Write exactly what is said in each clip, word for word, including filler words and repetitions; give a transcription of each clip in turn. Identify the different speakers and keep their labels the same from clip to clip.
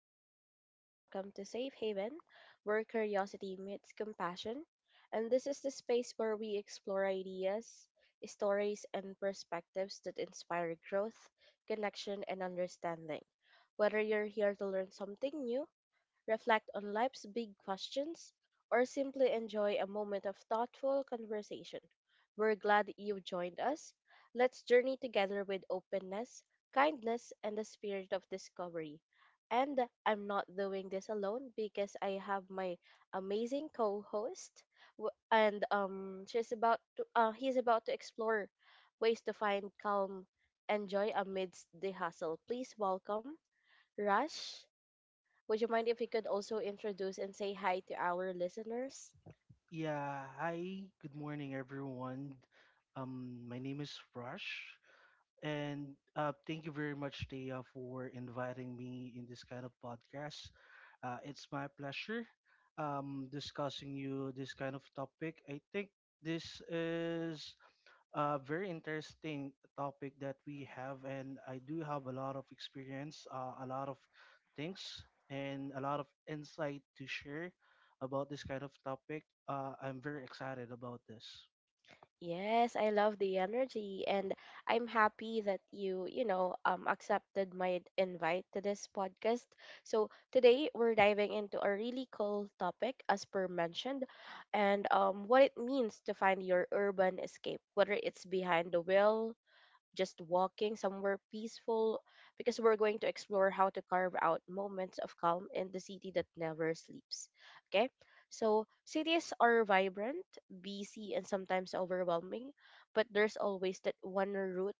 Speaker 1: hi listeners, welcome to Safe Haven, where curiosity meets compassion. And this is the space where we explore ideas, stories, and perspectives that inspire growth, connection, and understanding. Whether you're here to learn something new, reflect on life's big questions, or simply enjoy a moment of thoughtful conversation. We're glad that you've joined us. Let's journey together with openness, kindness, and the spirit of discovery. And I'm not doing this alone because I have my amazing co-host, w- and um, she's about to, uh, he's about to explore ways to find calm and joy amidst the hustle. Please welcome Rush. Would you mind if you could also introduce and say hi to our listeners?
Speaker 2: Yeah, hi, good morning, everyone. Um, my name is Rush, and uh, thank you very much, Thea, for inviting me in this kind of podcast. Uh, it's my pleasure um, discussing you this kind of topic. I think this is a very interesting topic that we have, and I do have a lot of experience, uh, a lot of things, and a lot of insight to share about this kind of topic. Uh, I'm very excited about this.
Speaker 1: Yes, I love the energy, and I'm happy that you, you know, um accepted my invite to this podcast. So today we're diving into a really cool topic, as per mentioned, and um what it means to find your urban escape, whether it's behind the wheel, just walking somewhere peaceful, because we're going to explore how to carve out moments of calm in the city that never sleeps. Okay? So, cities are vibrant, busy, and sometimes overwhelming, but there's always that one route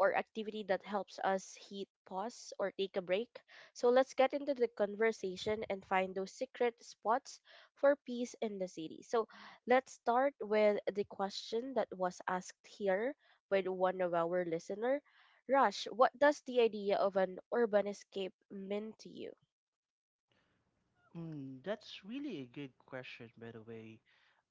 Speaker 1: or activity that helps us hit pause or take a break. So, let's get into the conversation and find those secret spots for peace in the city. So, let's start with the question that was asked here with one of our listener. Rush, what does the idea of an urban escape mean to you?
Speaker 2: Mm, that's really a good question, by the way.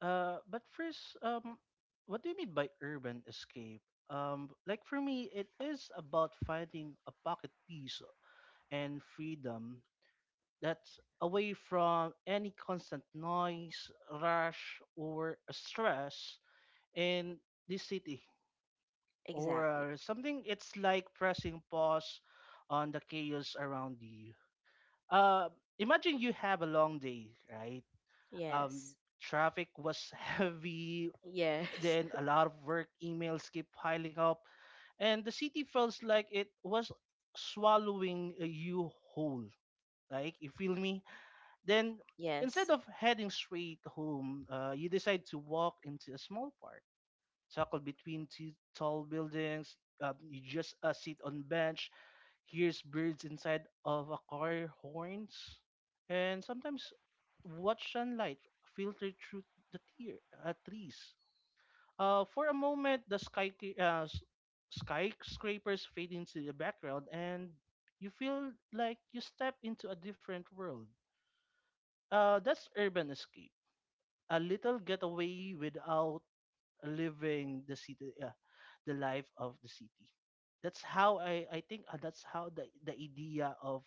Speaker 2: Uh, but first, um, what do you mean by urban escape? Um, like for me, it is about finding a pocket piece and freedom that's away from any constant noise, rush, or stress in this city or
Speaker 1: Exactly.
Speaker 2: uh, something. It's like pressing pause on the chaos around you. Uh, imagine you have a long day, right? Um,
Speaker 1: Yes.
Speaker 2: traffic was heavy,
Speaker 1: Yes.
Speaker 2: then a lot of work emails keep piling up, and the city feels like it was swallowing uh, you whole. Like, you feel me? Then
Speaker 1: Yes.
Speaker 2: instead of heading straight home, uh, you decide to walk into a small park, tucked between two tall buildings. Um, you just uh, sit on bench, hears birds inside of a car horns, and sometimes watch sunlight filter through the tier, uh, trees. Uh, for a moment, the sky uh, s- skyscrapers fade into the background, and you feel like you step into a different world. Uh, that's urban escape, a little getaway without living the city, uh, the life of the city. That's how I, I think uh, that's how the, the idea of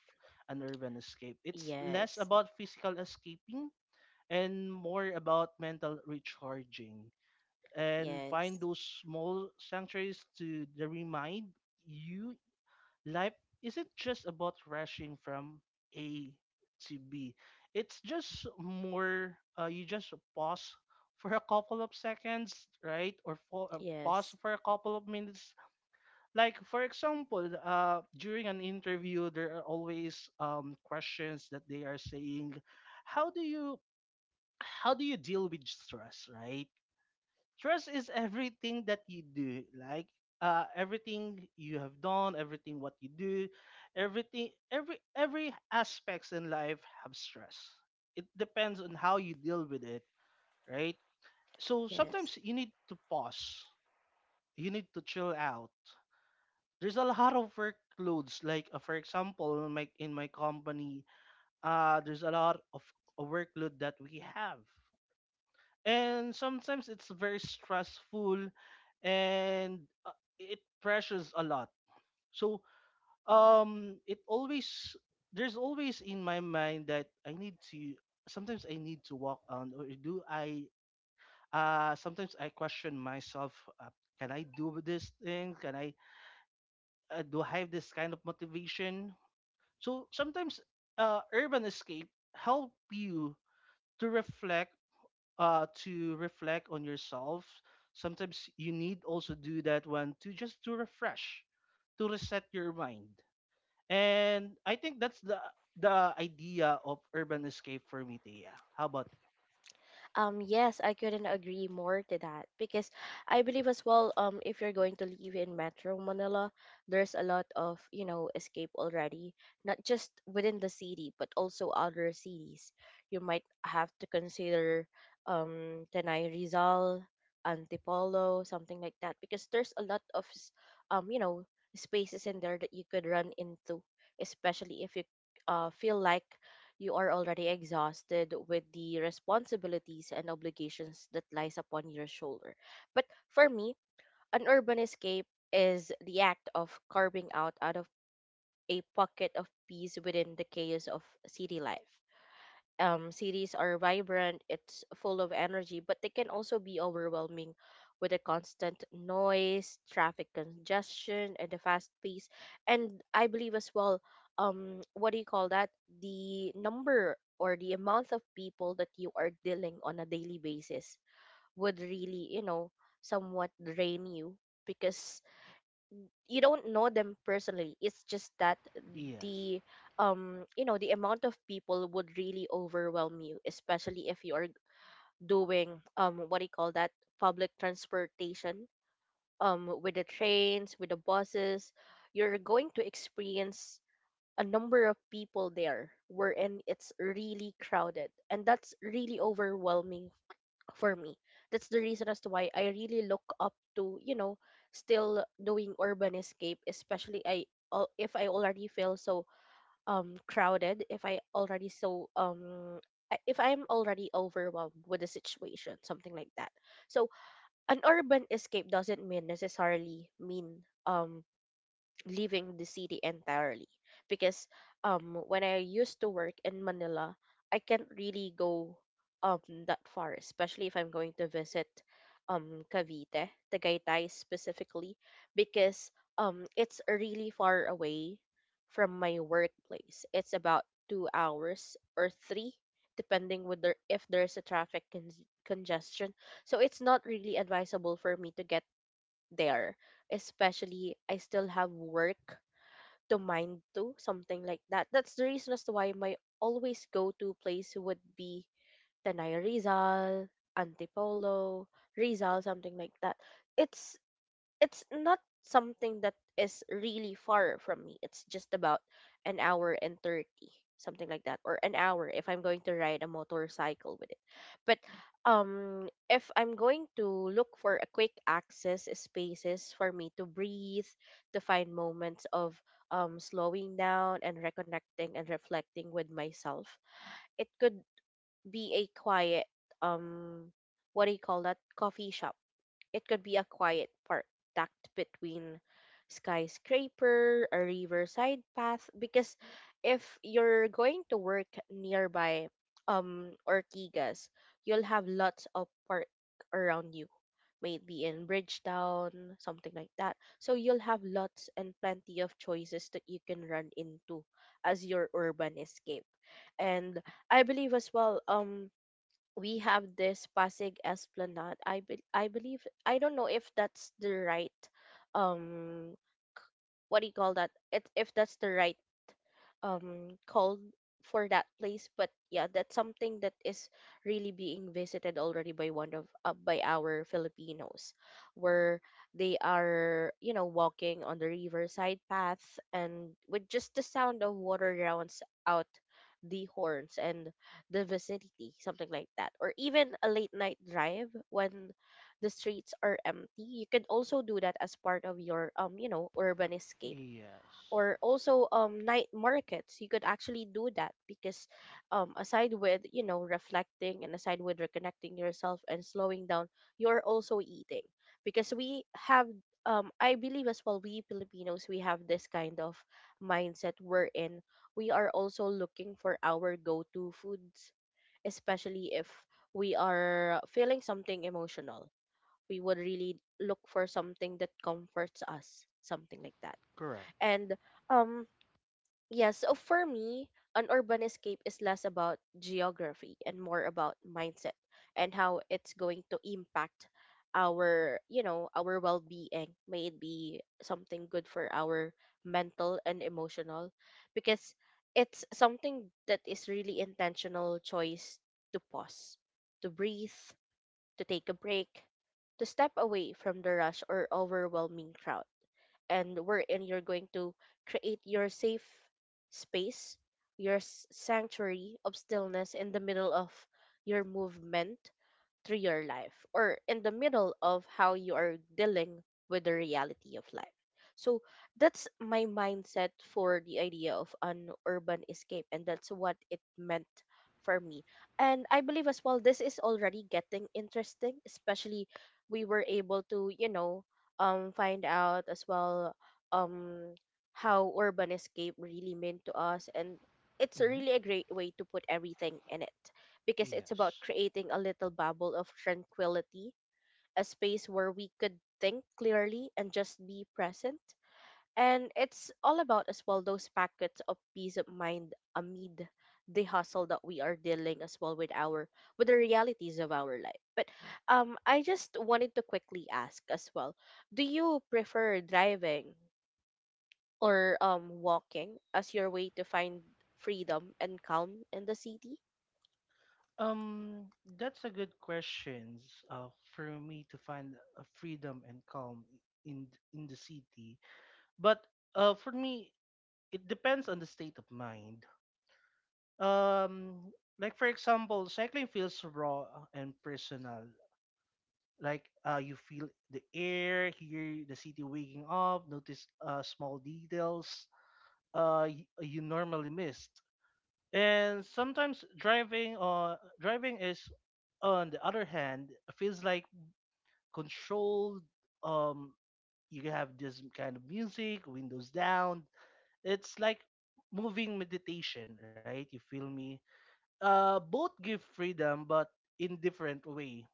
Speaker 2: an urban escape. It's less
Speaker 1: Yes.
Speaker 2: about physical escaping and more about mental recharging and find
Speaker 1: Yes.
Speaker 2: those small sanctuaries to the remind you life isn't just about rushing from A to B. It's just more, uh, you just pause for a couple of seconds, right? Or for, uh, pause
Speaker 1: Yes.
Speaker 2: for a couple of minutes. Like, for example, uh, during an interview, there are always um, questions that they are saying, how do you how do you deal with stress, right? Trust is everything that you do, like uh, everything you have done, everything what you do, everything, every every aspects in life have stress. It depends on how you deal with it, right? So
Speaker 1: Yes.
Speaker 2: sometimes you need to pause. You need to chill out. There's a lot of workloads, like uh, for example, in my in my company, uh, there's a lot of a workload that we have, and sometimes it's very stressful and uh, it pressures a lot. So um it always, there's always in my mind that I need to, sometimes I need to walk on, or do I, uh sometimes I question myself, uh, can I do this thing, can I, uh, do I have this kind of motivation. So sometimes uh urban escape help you to reflect, uh, to reflect on yourself. Sometimes you need also do that one to just to refresh, to reset your mind. And I think that's the the idea of urban escape for me, Tia. How about
Speaker 1: Um, yes, I couldn't agree more to that, because I believe as well, um, if you're going to live in Metro Manila, there's a lot of, you know, escape already, not just within the city, but also other cities. You might have to consider um Tanay Rizal, Antipolo, something like that, because there's a lot of s- um, you know, spaces in there that you could run into, especially if you uh feel like you are already exhausted with the responsibilities and obligations that lies upon your shoulder. But for me, an urban escape is the act of carving out out of a pocket of peace within the chaos of city life. Um, cities are vibrant, it's full of energy, but they can also be overwhelming with the constant noise, traffic congestion, and the fast pace. And I believe as well, um, what do you call that? The number or the amount of people that you are dealing on a daily basis would really, you know, somewhat drain you, because you don't know them personally. It's just that
Speaker 2: you? Yes.
Speaker 1: the um you know the amount of people would really overwhelm you, especially if you're doing, um what do you call that, public transportation, um with the trains, with the buses. You're going to experience a number of people there, wherein it's really crowded, and that's really overwhelming for me. That's the reason as to why I really look up to, you know, still doing urban escape, especially I al- if I already feel so um crowded, if I already so um I- if I'm already overwhelmed with the situation, something like that. So an urban escape doesn't mean necessarily mean um leaving the city entirely, because um when I used to work in Manila, I can't really go um that far, especially if I'm going to visit um Cavite, Tagaytay specifically, because um it's really far away from my workplace. It's about two hours or three, depending whether if there's a traffic con- congestion. So it's not really advisable for me to get there. Especially, I still have work to mind to, something like that. That's the reason as to why my always go to place would be Tanay Rizal, Antipolo, Rizal, something like that. It's it's not something that is really far from me. It's just about an hour and thirty, something like that, or an hour if I'm going to ride a motorcycle with it. But um, if I'm going to look for a quick access spaces for me to breathe, to find moments of um, slowing down and reconnecting and reflecting with myself, it could be a quiet, um what do you call that, coffee shop. It could be a quiet park tucked between skyscraper, a riverside path, because if you're going to work nearby um Ortigas, you'll have lots of park around you. Maybe in Bridgetown, something like that. So you'll have lots and plenty of choices that you can run into as your urban escape. And I believe as well, um we have this Pasig Esplanade. I be- I believe, I don't know if that's the right, um what do you call that? It If that's the right um called for that place. But yeah, that's something that is really being visited already by one of uh, by our Filipinos, where they are you know walking on the riverside path, and with just the sound of water rounds out the horns and the vicinity, something like that. Or even a late night drive when the streets are empty, you could also do that as part of your um you know urban escape.
Speaker 2: Yes.
Speaker 1: Or also, um night markets, you could actually do that, because um aside with you know reflecting, and aside with reconnecting yourself and slowing down, you're also eating, because we have, um I believe as well, we Filipinos, we have this kind of mindset wherein we are also looking for our go-to foods, especially if we are feeling something emotional, we would really look for something that comforts us, something like that.
Speaker 2: Correct.
Speaker 1: And um yeah, so for me, an urban escape is less about geography and more about mindset and how it's going to impact our, you know, our well-being. May it be something good for our mental and emotional, because it's something that is really intentional choice to pause, to breathe, to take a break, to step away from the rush or overwhelming crowd. And wherein you're going to create your safe space, your s- sanctuary of stillness in the middle of your movement through your life, or in the middle of how you are dealing with the reality of life. So that's my mindset for the idea of an urban escape, and that's what it meant for me. And I believe as well, this is already getting interesting, especially we were able to, you know, um, find out as well, um, how urban escape really meant to us. And it's
Speaker 2: Hmm.
Speaker 1: really a great way to put everything in it, because it's about
Speaker 2: Yes.
Speaker 1: creating a little bubble of tranquility, a space where we could think clearly and just be present. And it's all about as well those packets of peace of mind amid the hustle that we are dealing as well with our with the realities of our life. But um I just wanted to quickly ask as well, do you prefer driving or um walking as your way to find freedom and calm in the city?
Speaker 2: Um, that's a good question uh, for me to find a freedom and calm in in the city. But uh, for me, it depends on the state of mind. um like for example, cycling feels raw and personal, like uh you feel the air, hear the city waking up, notice uh small details uh you, you normally missed. And sometimes driving uh driving is, on the other hand, feels like controlled. um you have this kind of music, windows down. It's like moving meditation, right? You feel me? Uh, both give freedom, but in different way.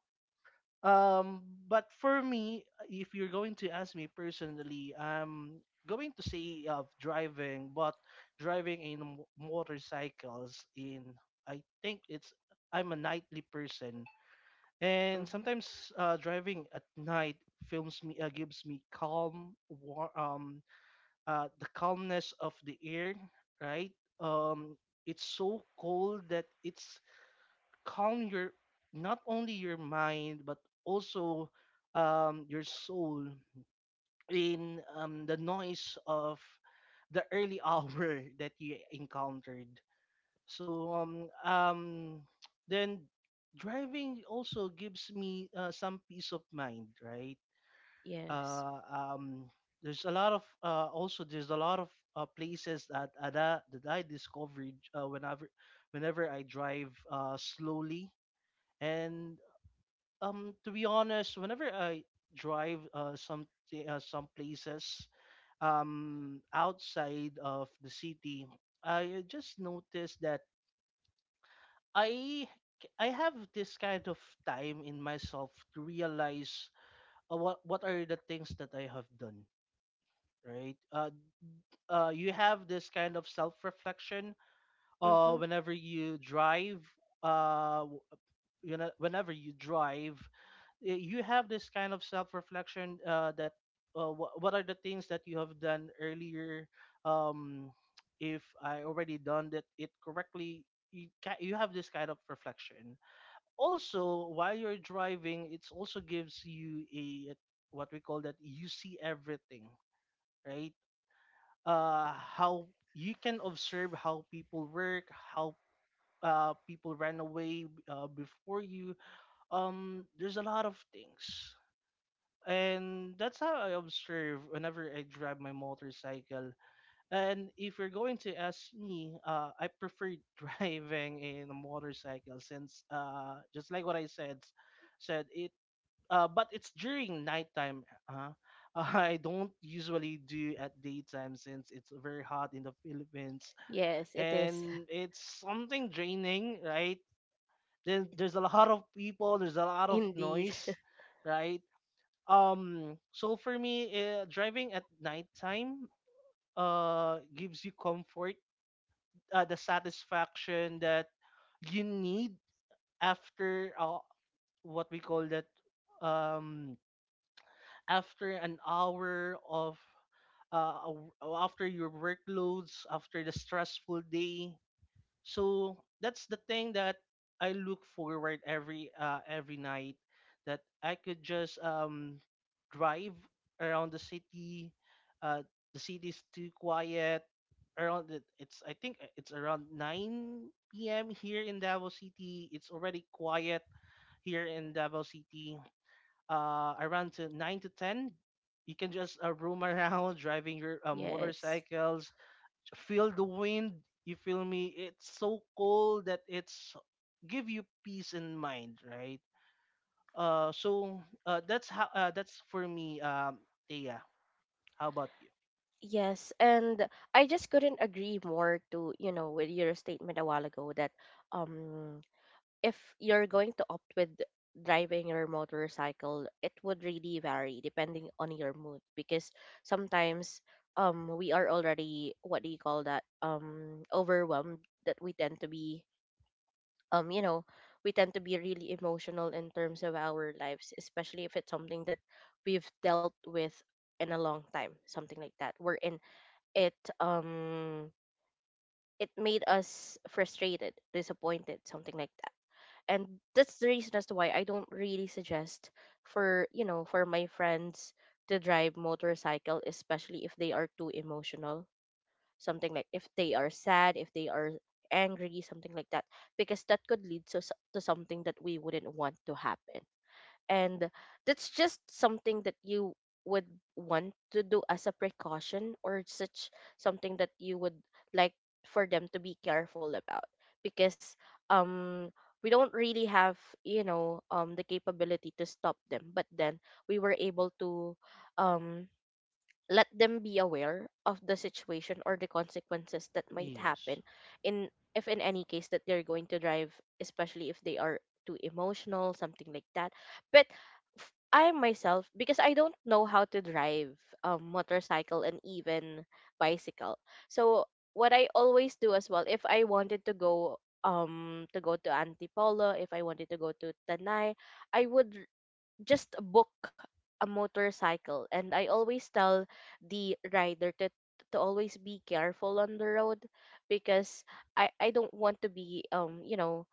Speaker 2: Um, but for me, if you're going to ask me personally, I'm going to say of driving, but driving in m- motorcycles in, I think it's, I'm a nightly person, and
Speaker 1: Hmm.
Speaker 2: sometimes uh, driving at night films me, uh, gives me calm, war, um, uh, the calmness of the air, right? Um, it's so cold that it's calm your not only your mind but also um, your soul in um, the noise of the early hour that you encountered. So um um then driving also gives me uh, some peace of mind, right?
Speaker 1: Yes.
Speaker 2: Uh, um there's a lot of uh, also there's a lot of uh, places that uh, that, that I discovered uh, whenever whenever I drive uh, slowly, and um to be honest, whenever I drive uh some uh, some places um outside of the city. I just noticed that I I have this kind of time in myself to realize, uh, what what are the things that I have done, right? Uh uh you have this kind of self reflection uh
Speaker 1: Hmm.
Speaker 2: whenever you drive. uh you know whenever you drive, y- you have this kind of self-reflection, uh, that uh, wh- what are the things that you have done earlier, um, if I already done that it correctly. You, ca- you have this kind of reflection. Also, while you're driving, it also gives you a what we call that, you see everything, right? uh, how you can observe how people work, how uh, people ran away uh, before you. Um there's a lot of things, and that's how I observe whenever I drive my motorcycle. And if you're going to ask me, uh, I prefer driving in a motorcycle, since uh, just like what I said said it uh, but it's during nighttime. uh, I don't usually do at daytime since it's very hot in the Philippines,
Speaker 1: Yes, it is.
Speaker 2: and it's something draining, right? Then there's a lot of people, there's a lot of
Speaker 1: Indeed.
Speaker 2: noise, right? Um, so for me, uh, driving at nighttime uh gives you comfort, uh, the satisfaction that you need after, uh, what we call that, um after an hour of, uh, a w- after your workloads, after the stressful day. So that's the thing that I look forward every uh, every night, that I could just um drive around the city. Uh, the city's too quiet. Around it, it's, I think uh, it's around nine p m here in Davao City. It's already quiet here in Davao City. Uh, around to nine to ten, you can just uh, roam around driving your uh,
Speaker 1: Yes.
Speaker 2: motorcycles, feel the wind, you feel me? It's so cold that it's give you peace in mind, right? uh so uh that's how, uh, that's for me, um Thea. How about you?
Speaker 1: Yes, and I just couldn't agree more to, you know, with your statement a while ago, that um if you're going to opt with driving your motorcycle, it would really vary depending on your mood, because sometimes, um we are already, what do you call that, um overwhelmed, that we tend to be um you know we tend to be really emotional in terms of our lives, especially if it's something that we've dealt with in a long time, something like that, wherein it um it made us frustrated, disappointed, something like that. And that's the reason as to why I don't really suggest for you know for my friends to drive motorcycle, especially if they are too emotional, something like if they are sad, if they are angry, something like that, because that could lead to, s- to something that we wouldn't want to happen. And that's just something that you would want to do as a precaution, or such something that you would like for them to be careful about, because um we don't really have, you know um the capability to stop them, but then we were able to um let them be aware of the situation or the consequences that might
Speaker 2: Yes.
Speaker 1: happen in if in any case that they're going to drive, especially if they are too emotional, something like that. But f- I myself, because I don't know how to drive a motorcycle and even bicycle. So what I always do as well, if I wanted to go um to go to Antipolo, if I wanted to go to Tanay, I would just book a motorcycle, and I always tell the rider to to always be careful on the road, because i i don't want to be um you know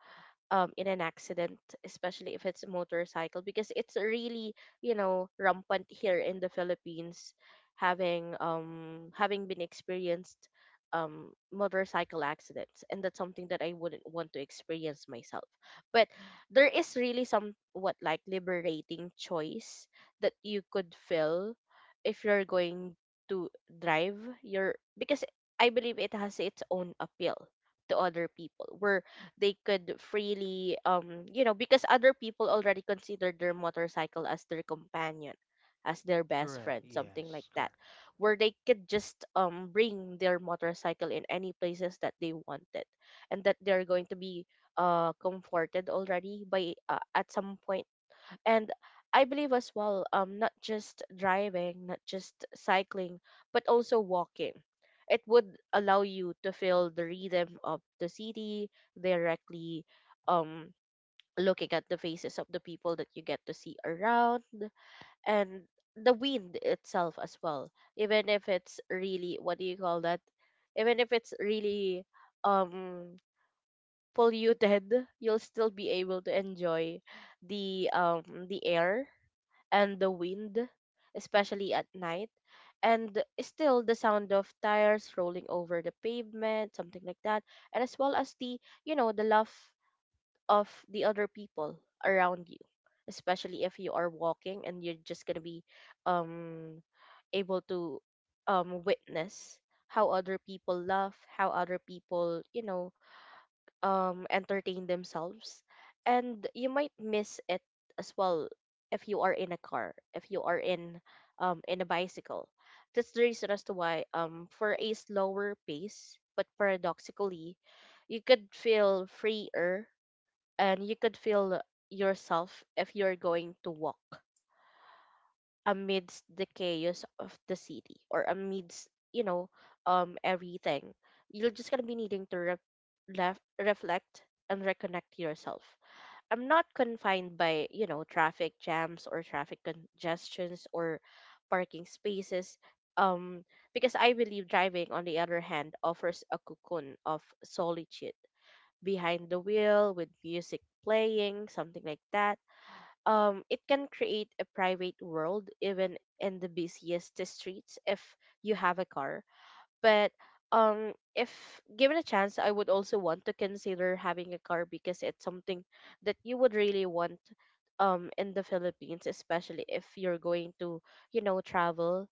Speaker 1: um in an accident, especially if it's a motorcycle, because it's really, you know, rampant here in the Philippines, having um having been experienced um motorcycle accidents, and that's something that I wouldn't want to experience myself. But there is really somewhat like liberating choice that you could feel if you're going to drive your because I believe it has its own appeal to other people. Where they could freely um you know, because other people already considered their motorcycle as their companion, as their best
Speaker 2: Correct.
Speaker 1: friend, something like
Speaker 2: Yes.
Speaker 1: that,
Speaker 2: Correct.
Speaker 1: where they could just um bring their motorcycle in any places that they wanted, and that they're going to be uh comforted already by uh, at some point. And I believe as well, um not just driving, not just cycling, but also walking, it would allow you to feel the rhythm of the city directly, um looking at the faces of the people that you get to see around, and the wind itself as well. Even if it's really, what do you call that, even if it's really um polluted, you'll still be able to enjoy the um the air and the wind, especially at night, and still the sound of tires rolling over the pavement, something like that, and as well as the, you know, the laugh of the other people around you, especially if you are walking and you're just gonna be um able to um witness how other people laugh, how other people, you know, um entertain themselves. And you might miss it as well if you are in a car, if you are in um in a bicycle. That's the reason as to why, um for a slower pace but paradoxically you could feel freer, and you could feel yourself if you're going to walk amidst the chaos of the city, or amidst, you know, um everything. You're just gonna be needing to re- left, reflect, and reconnect yourself. I'm not confined by, you know, traffic jams or traffic congestions or parking spaces, um because I believe driving on the other hand offers a cocoon of solitude behind the wheel, with music playing, something like that. um, it can create a private world even in the busiest streets if you have a car. But um, if given a chance, I would also want to consider having a car, because it's something that you would really want um in the Philippines, especially if you're going to, you know, travel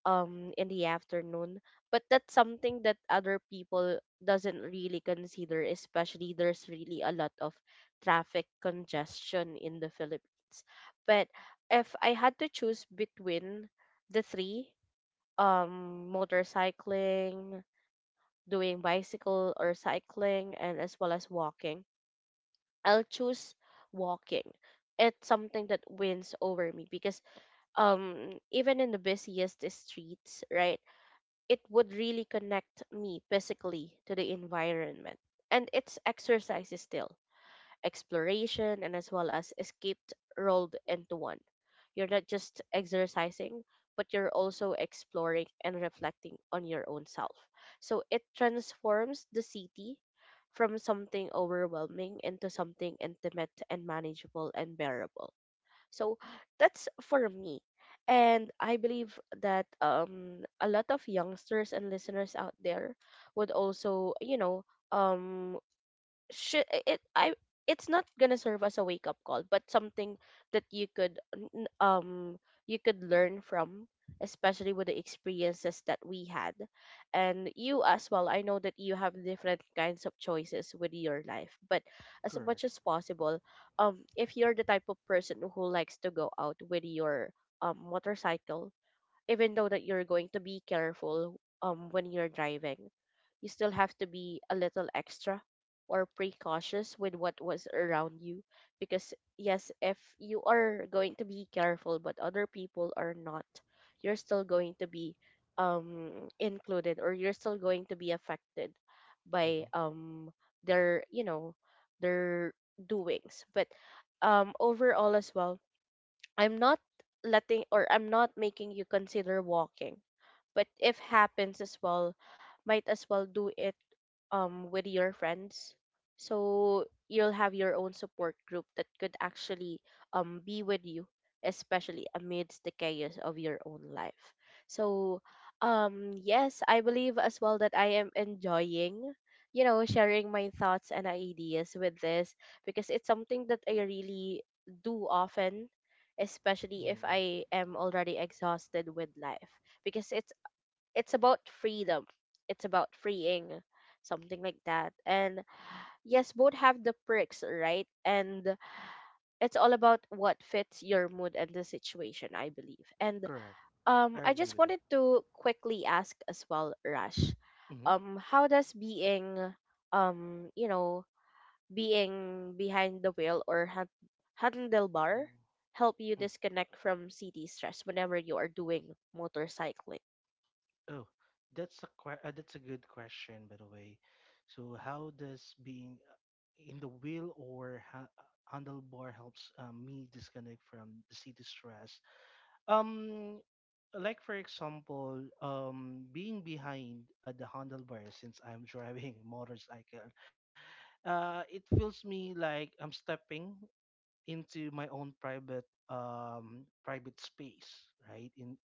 Speaker 1: um in the afternoon. But that's something that other people doesn't really consider, especially there's really a lot of traffic congestion in the Philippines. But if I had to choose between the three, um motorcycling, doing bicycle or cycling, and as well as walking, I'll choose walking. It's something that wins over me, because um even in the busiest streets, right, it would really connect me physically to the environment. And it's exercise is still exploration and as well as escaped rolled into one. You're not just exercising, but you're also exploring and reflecting on your own self. So it transforms the city from something overwhelming into something intimate and manageable and bearable. So that's for me. And I believe that um, a lot of youngsters and listeners out there would also, you know, um, should it I it's not gonna serve as a wake up call, but something that you could n- um you could learn from, especially with the experiences that we had. And you as well, I know that you have different kinds of choices with your life, but as
Speaker 2: Correct.
Speaker 1: much as possible, um if you're the type of person who likes to go out with your um motorcycle, even though that you're going to be careful um when you're driving, you still have to be a little extra or precautious with what was around you, because yes, if you are going to be careful but other people are not, you're still going to be um included, or you're still going to be affected by
Speaker 2: Mm-hmm.
Speaker 1: um their, you know, their doings. But um overall as well, I'm not letting, or I'm not making you consider walking, but if happens as well, might as well do it um with your friends, so you'll have your own support group that could actually um be with you, especially amidst the chaos of your own life. So um yes, I believe as well that I am enjoying, you know, sharing my thoughts and ideas with this, because it's something that I really do often, especially if
Speaker 2: Mm-hmm.
Speaker 1: I am already exhausted with life, because it's it's about freedom. It's about freeing, something like that. And yes, both have the perks, right? And it's all about what fits your mood and the situation, I believe. And
Speaker 2: Correct.
Speaker 1: um,
Speaker 2: I
Speaker 1: I
Speaker 2: agree
Speaker 1: just
Speaker 2: with that.
Speaker 1: wanted to quickly ask as well, Rash,
Speaker 2: Mm-hmm.
Speaker 1: um, how does being, um, you know, being behind the wheel or hand- handlebar help you disconnect from city stress whenever you are doing motorcycling?
Speaker 2: Oh, that's a que- uh, that's a good question, by the way. So how does being uh, in the wheel or ha- uh, handlebar helps uh, me disconnect from the city stress? Um, like for example, um, being behind uh, the handlebar since I'm driving a motorcycle, uh, it feels me like I'm stepping into my own private um private space, right? In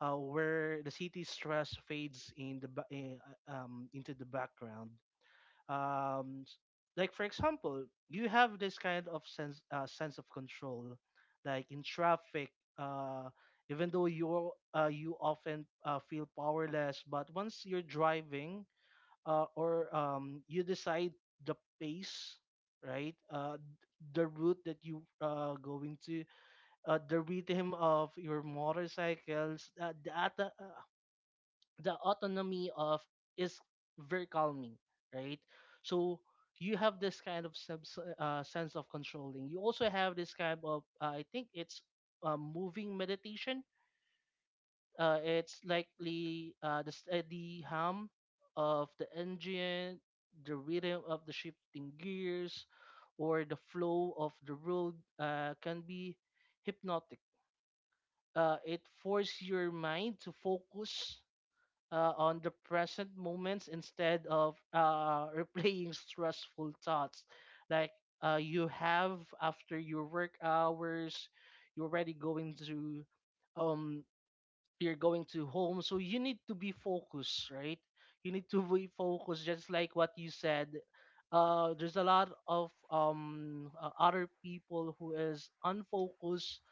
Speaker 2: uh, where the city stress fades in the ba- eh, uh, um, into the background. Um, s- like for example, you have this kind of sense uh, sense of control, like in traffic. Uh, even though you uh, you often uh, feel powerless, but once you're driving, uh, or um, you decide the pace, right? Uh, the route that you uh going to, uh, the rhythm of your motorcycles, uh, the, at- uh, the autonomy of, is very calming, right? So you have this kind of subs- uh, sense of controlling. You also have this kind of, uh, I think it's uh, moving meditation. Uh, it's likely uh, the steady hum of the engine, the rhythm of the shifting gears, or the flow of the road uh, can be hypnotic. Uh, it forces your mind to focus uh, on the present moments instead of uh, replaying stressful thoughts. Like uh, you have after your work hours, you're already going to um you're going to home, so you need to be focused, right? You need to be focused, just like what you said. Uh, there's a lot of um uh, other people who is unfocused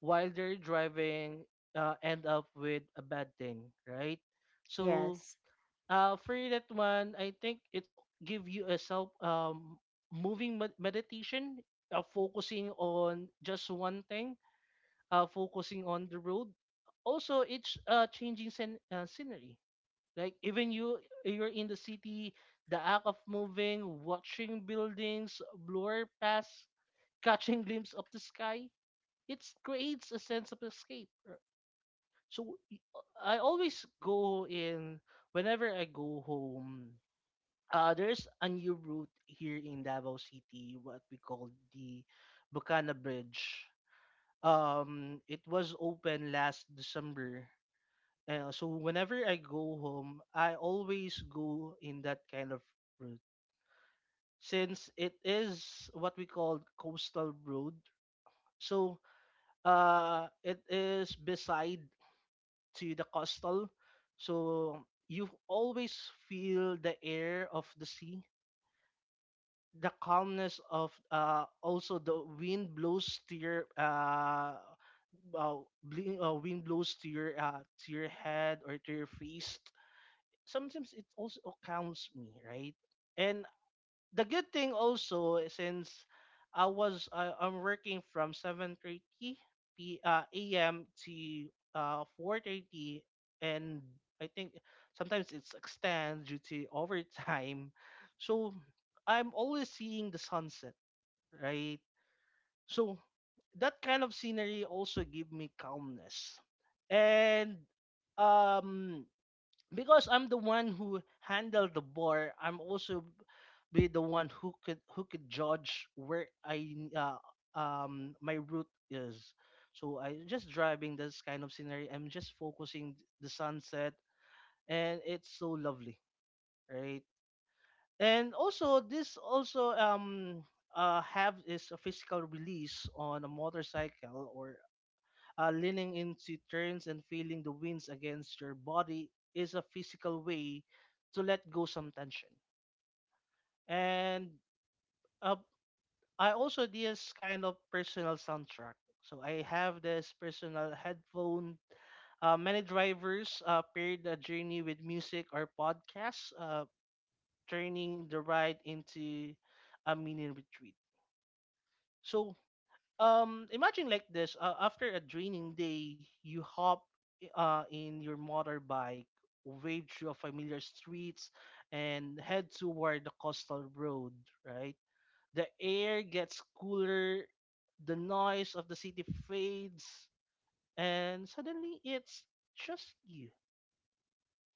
Speaker 2: while they're driving, uh, end up with a bad thing, right? So
Speaker 1: Yes.
Speaker 2: uh, for that one, I think it's give you a self, um moving med- meditation, uh, focusing on just one thing, uh, focusing on the road. Also, it's uh changing scen- uh, scenery. Like, even you you're in the city, the act of moving, watching buildings blur past, catching glimpse of the sky, it creates a sense of escape. So y- I always go in whenever I go home. uh, there's a new route here in Davao City, what we call the Bucana Bridge. Um, it was open last December. Uh, so whenever I go home, I always go in that kind of route since it is what we call coastal road. So uh, it is beside to the coastal. So you always feel the air of the sea, the calmness of uh, also the wind blows to your uh, uh, bli- uh, wind blows to your uh, to your head or to your face. Sometimes it also calms me, right? And the good thing also, eh, since I was I, I'm working from seven thirty p uh, a m to uh four thirty, and I think sometimes it's extend due to overtime. So I'm always seeing the sunset, right? So that kind of scenery also give me calmness. And um because I'm the one who handled the bar, I'm also be the one who could who could judge where I uh, um my route is. So I just driving this kind of scenery. I'm just focusing the sunset, and it's so lovely, right? And also this also um uh have is a physical release on a motorcycle, or uh, leaning into turns and feeling the winds against your body is a physical way to let go some tension. And uh, I also did this kind of personal soundtrack. So I have this personal headphone. Uh, many drivers uh, pair the journey with music or podcasts, uh, turning the ride into a mini retreat. So Um, imagine like this: uh, after a draining day, you hop uh, in your motorbike, wade through familiar streets, and head toward the coastal road. Right, the air gets cooler, the noise of the city fades, and suddenly it's just you.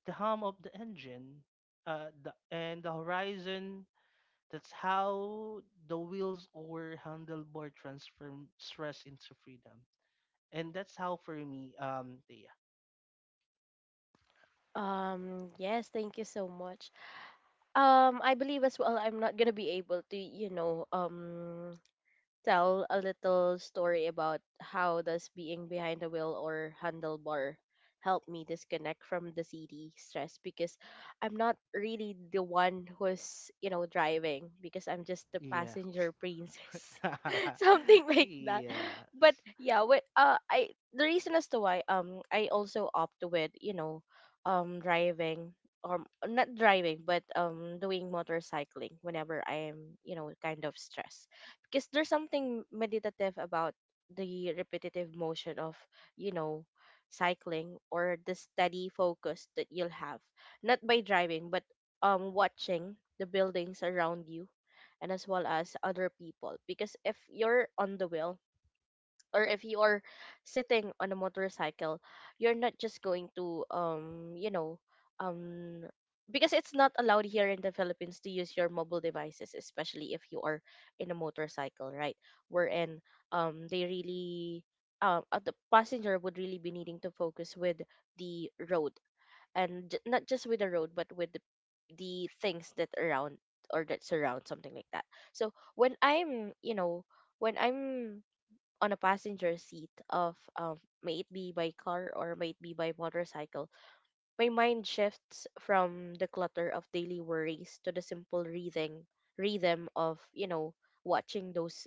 Speaker 2: The hum of the engine, uh, the and the horizon. That's how the wheels or handlebar transform stress into freedom, and that's how for me. Um yeah.
Speaker 1: Um, yes, thank you so much. Um, I believe as well I'm not gonna be able to, you know, um tell a little story about how does being behind the wheel or handlebar help me disconnect from the city stress, because I'm not really the one who's, you know, driving, because I'm just the passenger princess. Something
Speaker 2: Yeah.
Speaker 1: like that.
Speaker 2: Yes.
Speaker 1: But yeah, with uh I the reason as to why um I also opt with, you know, um driving, or not driving but um doing motorcycling whenever I am, you know, kind of stressed, because there's something meditative about the repetitive motion of, you know, cycling, or the steady focus that you'll have, not by driving but um watching the buildings around you and as well as other people, because if you're on the wheel or if you are sitting on a motorcycle, you're not just going to um you know um because it's not allowed here in the Philippines to use your mobile devices, especially if you are in a motorcycle, right, wherein um they really um uh, the passenger would really be needing to focus with the road, and j- not just with the road but with the, the things that around or that surround, something like that. So when I'm, you know, when I'm on a passenger seat of um may it be by car or may it be by motorcycle, my mind shifts from the clutter of daily worries to the simple rhythm rhythm of, you know, watching those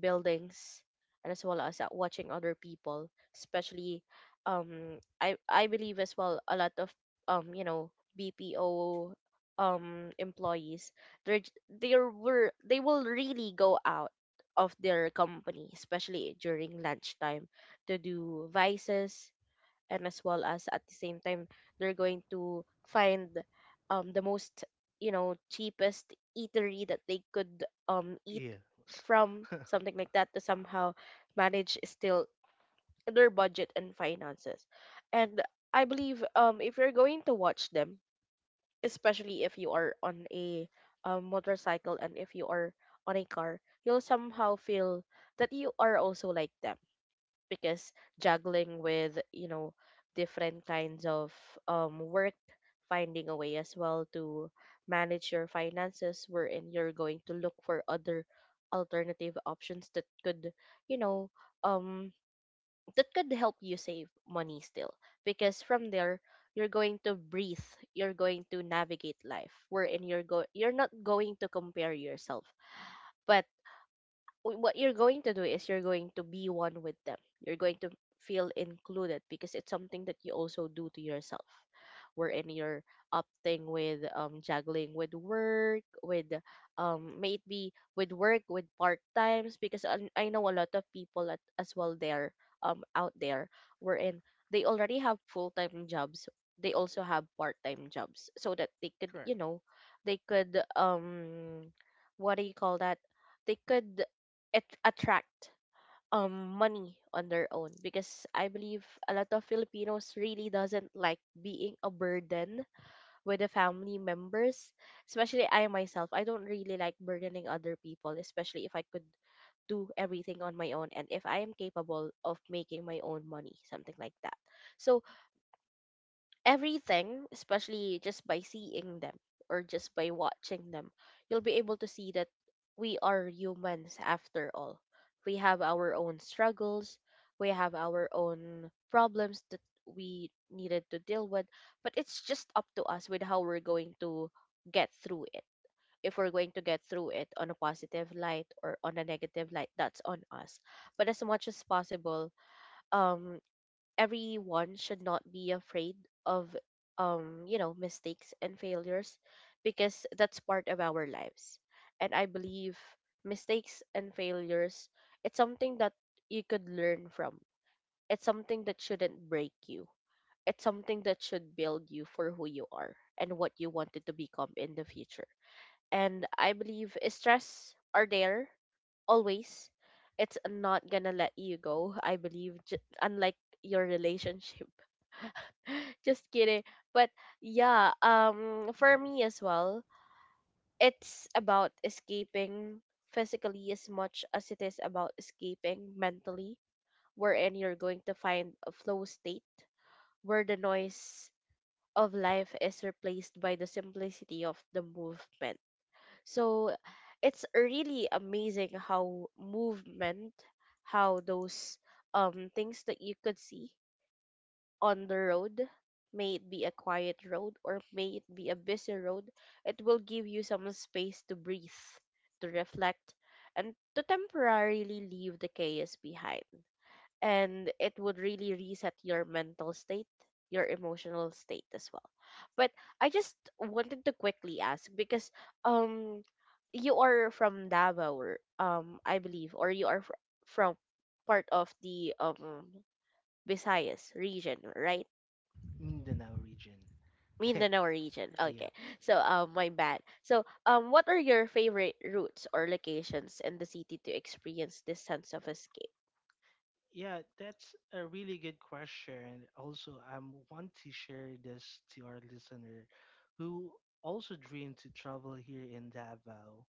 Speaker 1: buildings and as well as at watching other people, especially um i i believe as well a lot of um you know BPO um employees, they're j- they were they will really go out of their company, especially during lunchtime, to do vices, and as well as at the same time they're going to find um the most, you know, cheapest eatery that they could um eat
Speaker 2: Yeah.
Speaker 1: from, something like that, to somehow manage still their budget and finances. And I believe, um if you're going to watch them, especially if you are on a um, motorcycle, and if you are on a car, you'll somehow feel that you are also like them, because juggling with, you know, different kinds of um work, finding a way as well to manage your finances, wherein you're going to look for other alternative options that could, you know, um that could help you save money still, because from there you're going to breathe, you're going to navigate life, wherein you're go you're not going to compare yourself, but w- what you're going to do is you're going to be one with them. You're going to feel included, because it's something that you also do to yourself. Wherein you're opting with um juggling with work, with um maybe with work, with part times, because I, I know a lot of people at, as well there um out there, wherein they already have full time jobs. They also have part time jobs so that they could,
Speaker 2: Correct.
Speaker 1: you know, they could um what do you call that, they could it attract um money on their own, because I believe a lot of Filipinos really doesn't like being a burden with the family members. Especially I myself, I don't really like burdening other people, especially if I could do everything on my own and if I am capable of making my own money, something like that. So everything, especially just by seeing them or just by watching them, you'll be able to see that we are humans after all. We have our own struggles, we have our own problems that we needed to deal with, but it's just up to us with how we're going to get through it. If we're going to get through it on a positive light or on a negative light, that's on us. But as much as possible, um everyone should not be afraid of um you know mistakes and failures because that's part of our lives, and I believe mistakes and failures, it's something that you could learn from. It's something that shouldn't break you. It's something that should build you for who you are and what you wanted to become in the future. And I believe stress are there always. It's not gonna let you go, I believe, j- unlike your relationship. Just kidding. But yeah, um for
Speaker 2: Mm,
Speaker 1: me as well, it's about escaping physically as much as it is about escaping mentally, wherein you're going to find a flow state where the noise of life is replaced by the simplicity of the movement. So it's really amazing how movement, how those um things that you could see on the road, may it be a quiet road or may it be a busy road, it will give you some space to breathe, to reflect, and to temporarily leave the chaos behind. And it would really reset your mental state, your emotional state as well. But I just wanted to quickly ask because um you are from Davao, or, um I believe, or you are fr- from part of the um Visayas region, right?
Speaker 2: Mindanao region.
Speaker 1: Mean the Norwegian. Okay.
Speaker 2: Yeah,
Speaker 1: So um my bad. So um what are your favorite routes or locations in the city to experience this sense of escape?
Speaker 2: yeah, that's a really good question. Also, I um, want to share this to our listener who also dream to travel here in Davao.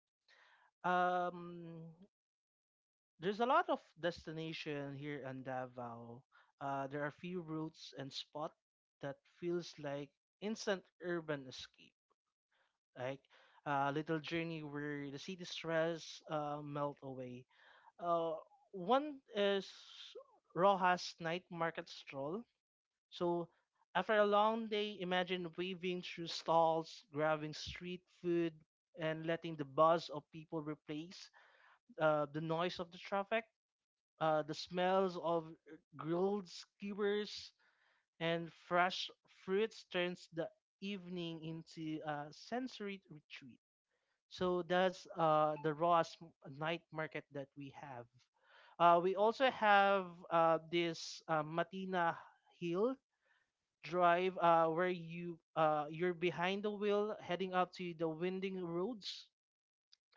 Speaker 2: um there's a lot of destination here in Davao. Uh, there are few routes and spot that feels like instant urban escape, like a little journey where the city stress uh, melt away. Uh, One is Rojas night market stroll. So after a long day, imagine weaving through stalls, grabbing street food, and letting the buzz of people replace uh, the noise of the traffic. Uh, the smells of grilled skewers and fresh fruits turns the evening into a sensory retreat. So that's uh, the raw sm- night market that we have. Uh, we also have uh, this uh, Matina Hill Drive, uh, where you uh, you're behind the wheel heading up to the winding roads.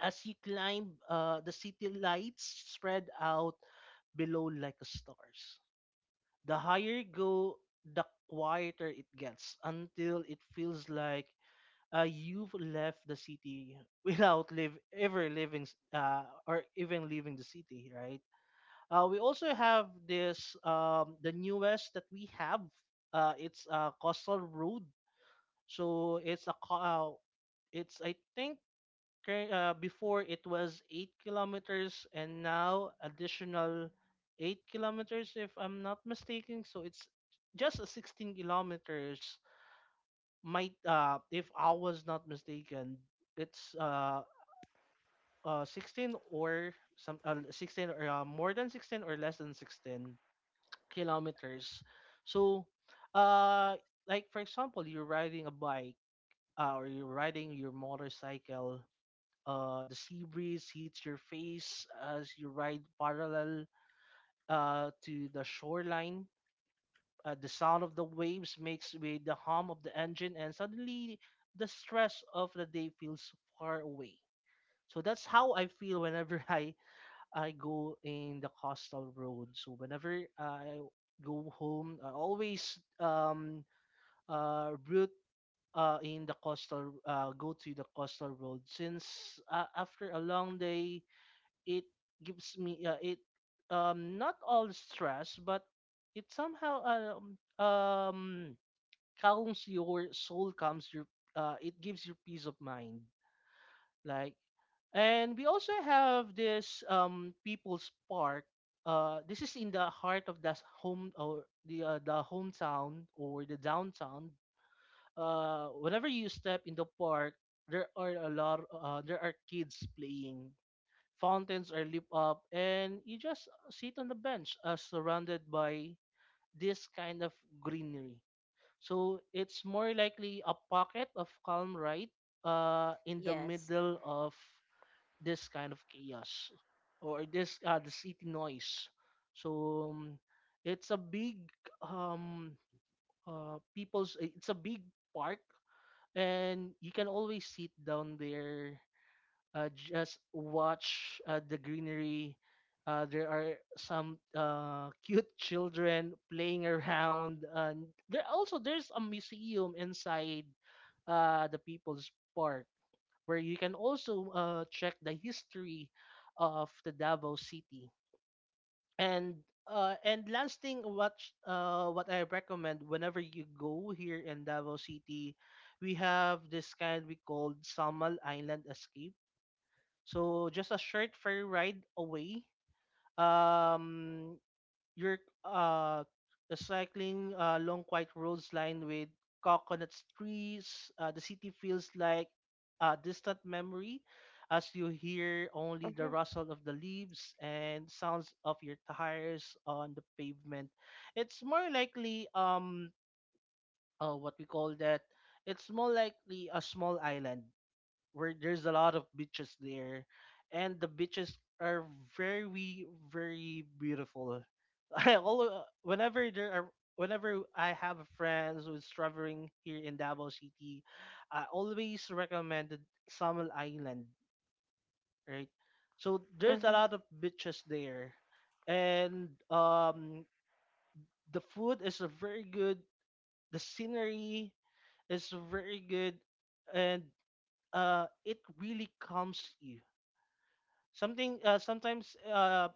Speaker 2: As you climb, uh, the city lights spread out below like a stars. The higher you go, the quieter it gets until it feels like uh, you've left the city without live ever leaving s- uh, or even leaving the city, right? Uh, we also have this um, the newest that we have. Uh, it's a coastal road, so it's a co- uh, it's I think Cur- Uh, before it was eight kilometers and now additional eight kilometers if I'm not mistaken. So it's just a sixteen kilometers might, uh if I was not mistaken. It's uh uh sixteen, or some uh, sixteen, or uh, more than sixteen, or less than sixteen kilometers. So uh like for example, you're riding a bike, uh, or you're riding your motorcycle. Uh, the sea breeze hits your face as you ride parallel, uh, to the shoreline. Uh, the sound of the waves mixed with the hum of the engine, and suddenly the stress of the day feels far away. So that's how I feel whenever I I go in the coastal road. So whenever I go home, I always um uh route uh in the coastal, uh go to the coastal road since, uh, after a long day, it gives me, uh, it um not all stress, but it somehow um, um calms your soul, calms your, uh it gives you peace of mind, like. And we also have this um People's Park. Uh this is in the heart of the s- home, or the uh, the hometown, or the downtown. Uh whenever you step in the park, there are a lot uh, there are kids playing, fountains are lit up, and you just sit on the bench, uh, surrounded by this kind of greenery. So it's more likely a pocket of calm, right, uh, in the
Speaker 1: Yes.
Speaker 2: middle of this kind of chaos, or this uh, the city noise. So um, it's a big um, uh, people's it's a big park, and you can always sit down there, uh, just watch uh, the greenery. Uh, there are some uh, cute children playing around, and there also there's a museum inside uh, the People's Park, where you can also uh, check the history of the Davao City. And uh, and last thing, what uh, what I recommend whenever you go here in Davao City: we have this kind we called Samal Island Escape, so just a short ferry ride away. Um, your uh, the cycling, uh, long quiet roads lined with coconut trees. Uh, the city feels like a distant memory, as you hear
Speaker 1: Mm-hmm.
Speaker 2: only the rustle of the leaves and sounds of your tires on the pavement. It's more likely um uh, what we call that. It's more likely a small island where there's a lot of beaches there, and the beaches are very, very beautiful. I all whenever there are Whenever I have friends who's traveling here in Davao City, I always recommended Samal Island, right? So there's a
Speaker 1: Mm-hmm.
Speaker 2: lot of beaches there, and um the food is a very good, the scenery is very good, and uh it really calms you. Something uh, Sometimes, uh,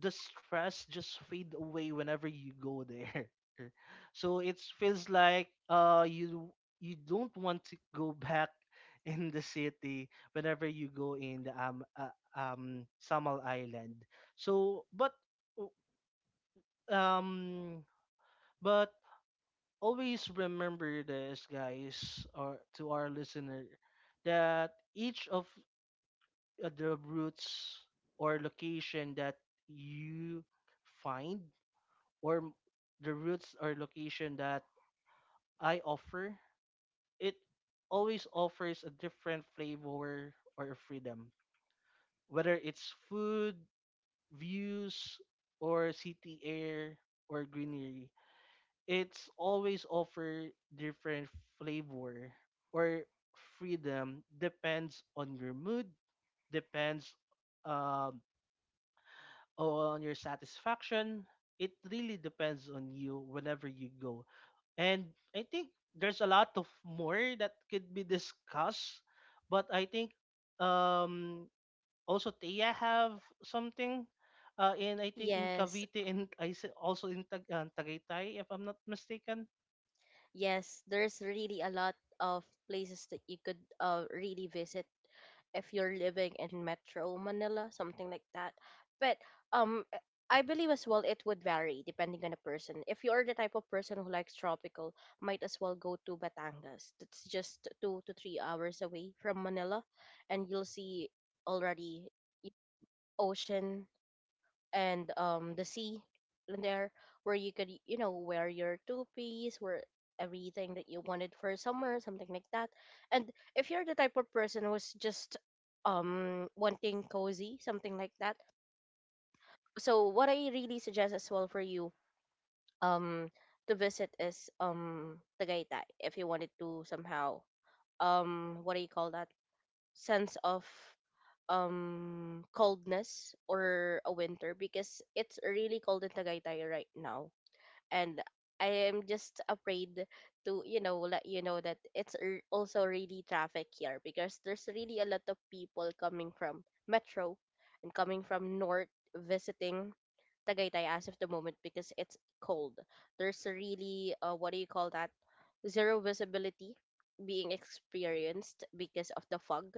Speaker 2: the stress just fade away whenever you go there. So it feels like uh you you don't want to go back in the city whenever you go in the um uh, um Samal Island. So but w- um but Always remember this guys, or to our listener, that each of uh, the routes or location that you find, or m- the routes or location that I offer, it always offers a different flavor or freedom. Whether it's food, views, or city air, or greenery, it's always offer different flavor or freedom, depends on your mood, depends um on your satisfaction. It really depends on you whenever you go. And I think there's a lot of more that could be discussed, but I think um also Tia have something uh in I think in
Speaker 1: Yes.
Speaker 2: Cavite, and I s- also in Tag- uh, Tagaytay if I'm not mistaken.
Speaker 1: Yes, there's really a lot of places that you could uh really visit if you're living in Metro Manila, something like that. But um, I I believe as well it would vary depending on the person. If you are the type of person who likes tropical, might as well go to Batangas. That's just two to three hours away from Manila, and you'll see already, y- ocean and um the sea in there, where you could you know wear your two piece, where everything that you wanted for summer, something like that. And if you're the type of person who's just um wanting cozy, something like that, so what I really suggest as well for you, um to visit is um Tagaytay, if you wanted to somehow, um what do you call that, sense of um coldness or a winter, because it's really cold in Tagaytay right now. And I am just afraid to, you know let you know that it's r- also really traffic here, because there's really a lot of people coming from metro and coming from north, visiting Tagaytay as of the moment because it's cold. There's really, uh, what do you call that, zero visibility being experienced because of the fog.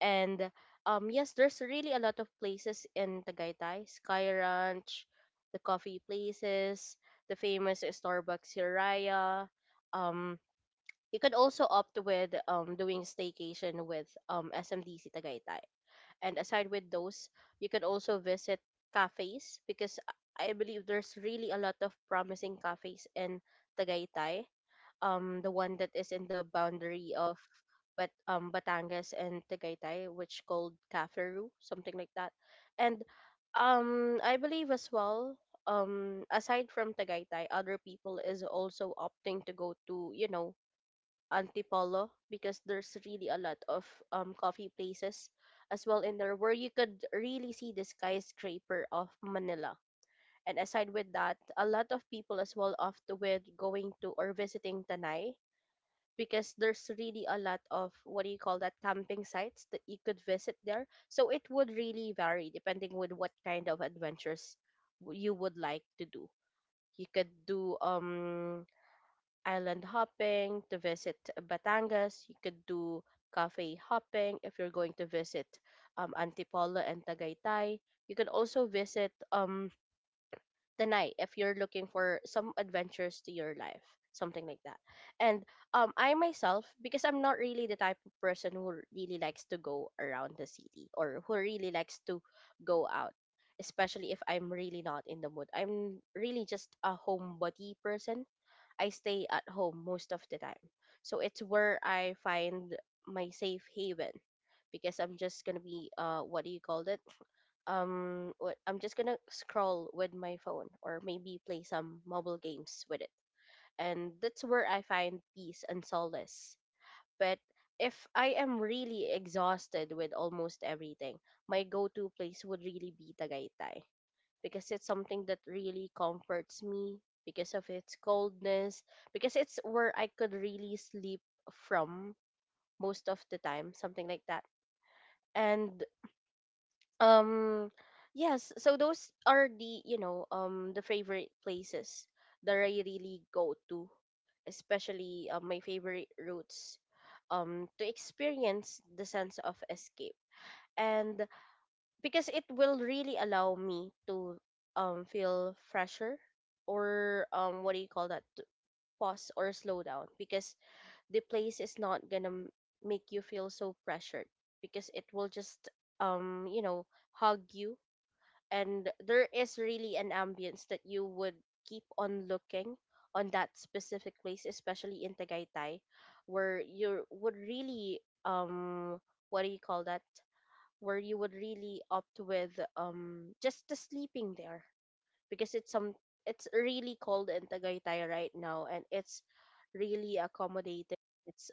Speaker 1: And um, yes, there's really a lot of places in Tagaytay. Sky Ranch, the coffee places, the famous Starbucks Hiraya. Um, you could also opt with um, doing staycation with um, S M D C Tagaytay. And aside with those, you could also visit cafes because I I believe there's really a lot of promising cafes in Tagaytay, um the one that is in the boundary of, but um Batangas and Tagaytay, which called Caflaru, something like that. And um I believe as well, um aside from Tagaytay, other people is also opting to go to, you know, Antipolo, because there's really a lot of um coffee places as well in there where you could really see the skyscraper of Manila. And aside with that, a lot of people as well opt with going to or visiting Tanay, because there's really a lot of, what do you call that, camping sites that you could visit there. So it would really vary depending with what kind of adventures w- you would like to do. You could do um island hopping to visit Batangas. You could do cafe hopping if you're going to visit um Antipolo and Tagaytay. You could also visit um the night if you're looking for some adventures to your life, something like that. And um I myself, because I'm not really the type of person who really likes to go around the city or who really likes to go out, especially if I'm really not in the mood, I'm really just a homebody person. I stay at home most of the time, so it's where I find my safe haven, because I'm just gonna be, uh what do you call it, um what, I'm just gonna scroll with my phone or maybe play some mobile games with it. And that's where I find peace and solace. But if I am really exhausted with almost everything, my go to place would really be Tagaytay, because it's something that really comforts me because of its coldness, because it's where I could really sleep from, most of the time, something like that. And Um, yes, so those are the, you know, um the favorite places that I really go to, especially, uh, my favorite routes um to experience the sense of escape. And because it will really allow me to um feel fresher or, um what do you call that, to pause or slow down, because the place is not gonna m- make you feel so pressured, because it will just um you know hug you, and there is really an ambience that you would keep on looking on that specific place, especially in Tagaytay, where you would really, um what do you call that, where you would really opt with um just the sleeping there because it's some, it's really cold in Tagaytay right now, and it's really accommodating. It's,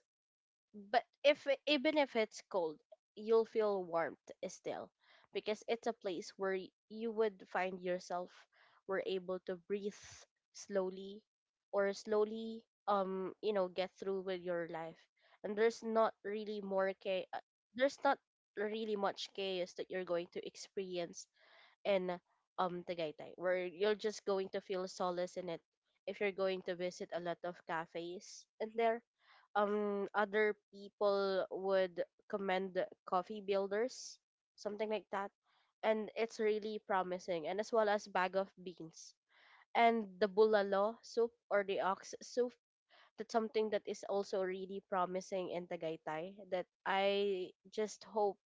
Speaker 1: but if it- even if it's cold, you'll feel warmth still, because it's a place where y- you would find yourself were able to breathe slowly, or slowly, um you know get through with your life. And there's not really more cha- uh, there's not really much chaos that you're going to experience in um Tagaytay, where you're just going to feel solace in it if you're going to visit a lot of cafes in there. Um, other people would commend coffee builders, something like that, and it's really promising. And as well as bag of beans and the bulalo soup or the ox soup. That's something that is also really promising in Tagaytay. That I just hope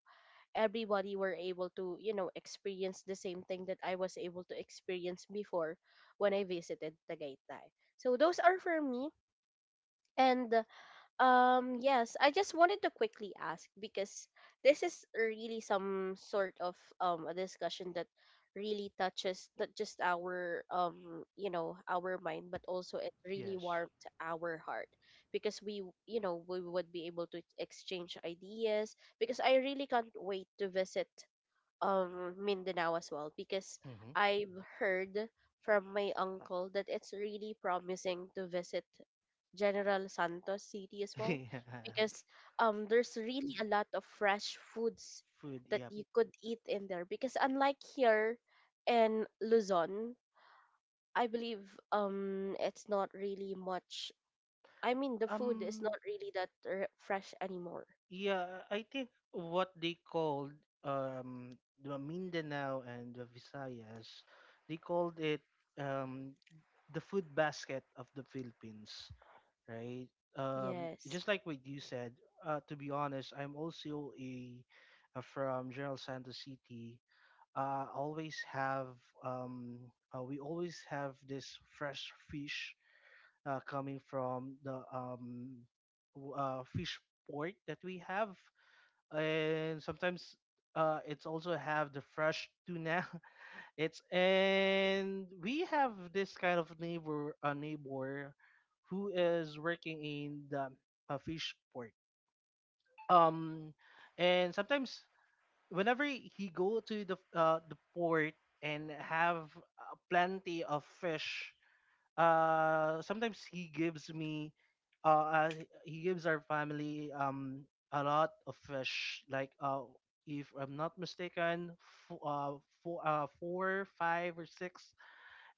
Speaker 1: everybody were able to you know experience the same thing that I was able to experience before when I visited Tagaytay. So those are for me. And um yes, I just wanted to quickly ask because this is really some sort of um a discussion that really touches not just our um you know our mind, but also it really
Speaker 2: Yes.
Speaker 1: warmed our heart, because we w- you know we would be able to exchange ideas, because I really can't wait to visit um Mindanao as well, because
Speaker 2: Mm-hmm.
Speaker 1: I've heard from my uncle that it's really promising to visit General Santos City as well,
Speaker 2: Yes.
Speaker 1: because um there's really a lot of fresh foods
Speaker 2: Food,
Speaker 1: that
Speaker 2: yep.
Speaker 1: you could eat in there, because unlike here in Luzon, I believe um it's not really much, I mean the food is
Speaker 2: Um
Speaker 1: not really that r- fresh anymore.
Speaker 2: Yeah, I think what they called um the Mindanao and the Visayas, they called it um the food basket of the Philippines, right? Um,
Speaker 1: Yes.
Speaker 2: just like what you said. Uh, to be honest, I'm also a, a from General Santos City. Uh, always have um uh, we always have this fresh fish, uh, coming from the um w- uh, fish port that we have, and sometimes uh, it's also have the fresh tuna. It's and we have this kind of neighbor, a neighbor, who is working in the a fish port. Um, and sometimes whenever he go to the uh, the port and have uh, plenty of fish, uh sometimes he gives me uh, uh he gives our family um a lot of fish, like, uh if I'm not mistaken, f- uh, four uh four, five, or six.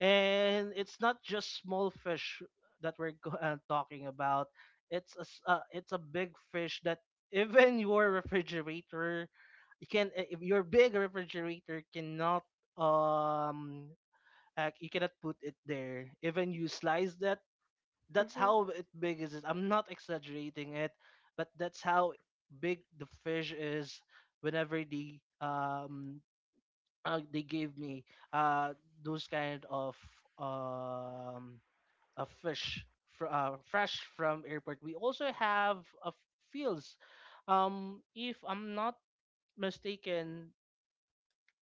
Speaker 2: And it's not just small fish that we're go- uh, talking about. It's a s- uh, it's a big fish that even your refrigerator, you can uh, if your big refrigerator cannot, um uh, you cannot put it there even you slice that. That's
Speaker 1: Mm-hmm.
Speaker 2: how it big is it, I'm not exaggerating it. But that's how big the fish is whenever they um uh, they gave me uh those kind of um a fish, fr- uh, fresh from airport. We also have, uh, fields, um if I'm not mistaken,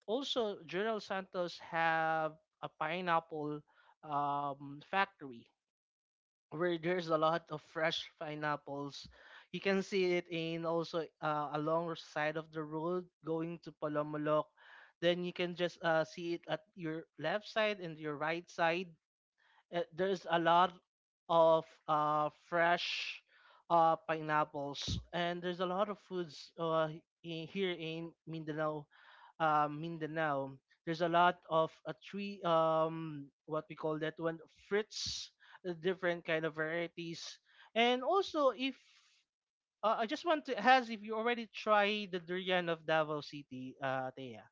Speaker 2: also, General Santos have a pineapple um, factory where there's a lot of fresh pineapples. You can see it in also, uh, along the side of the road going to Palomolok. Then you can just, uh, see it at your left side and your right side. Uh, there's a lot of uh, fresh uh, pineapples, and there's a lot of foods, uh, in, here in Mindanao. Uh, Mindanao, there's a lot of a tree. Um, what we call that one, fruits, uh, different kind of varieties, and also if. Uh, I just want to ask if you already tried the durian of Davao City, uh, Thea.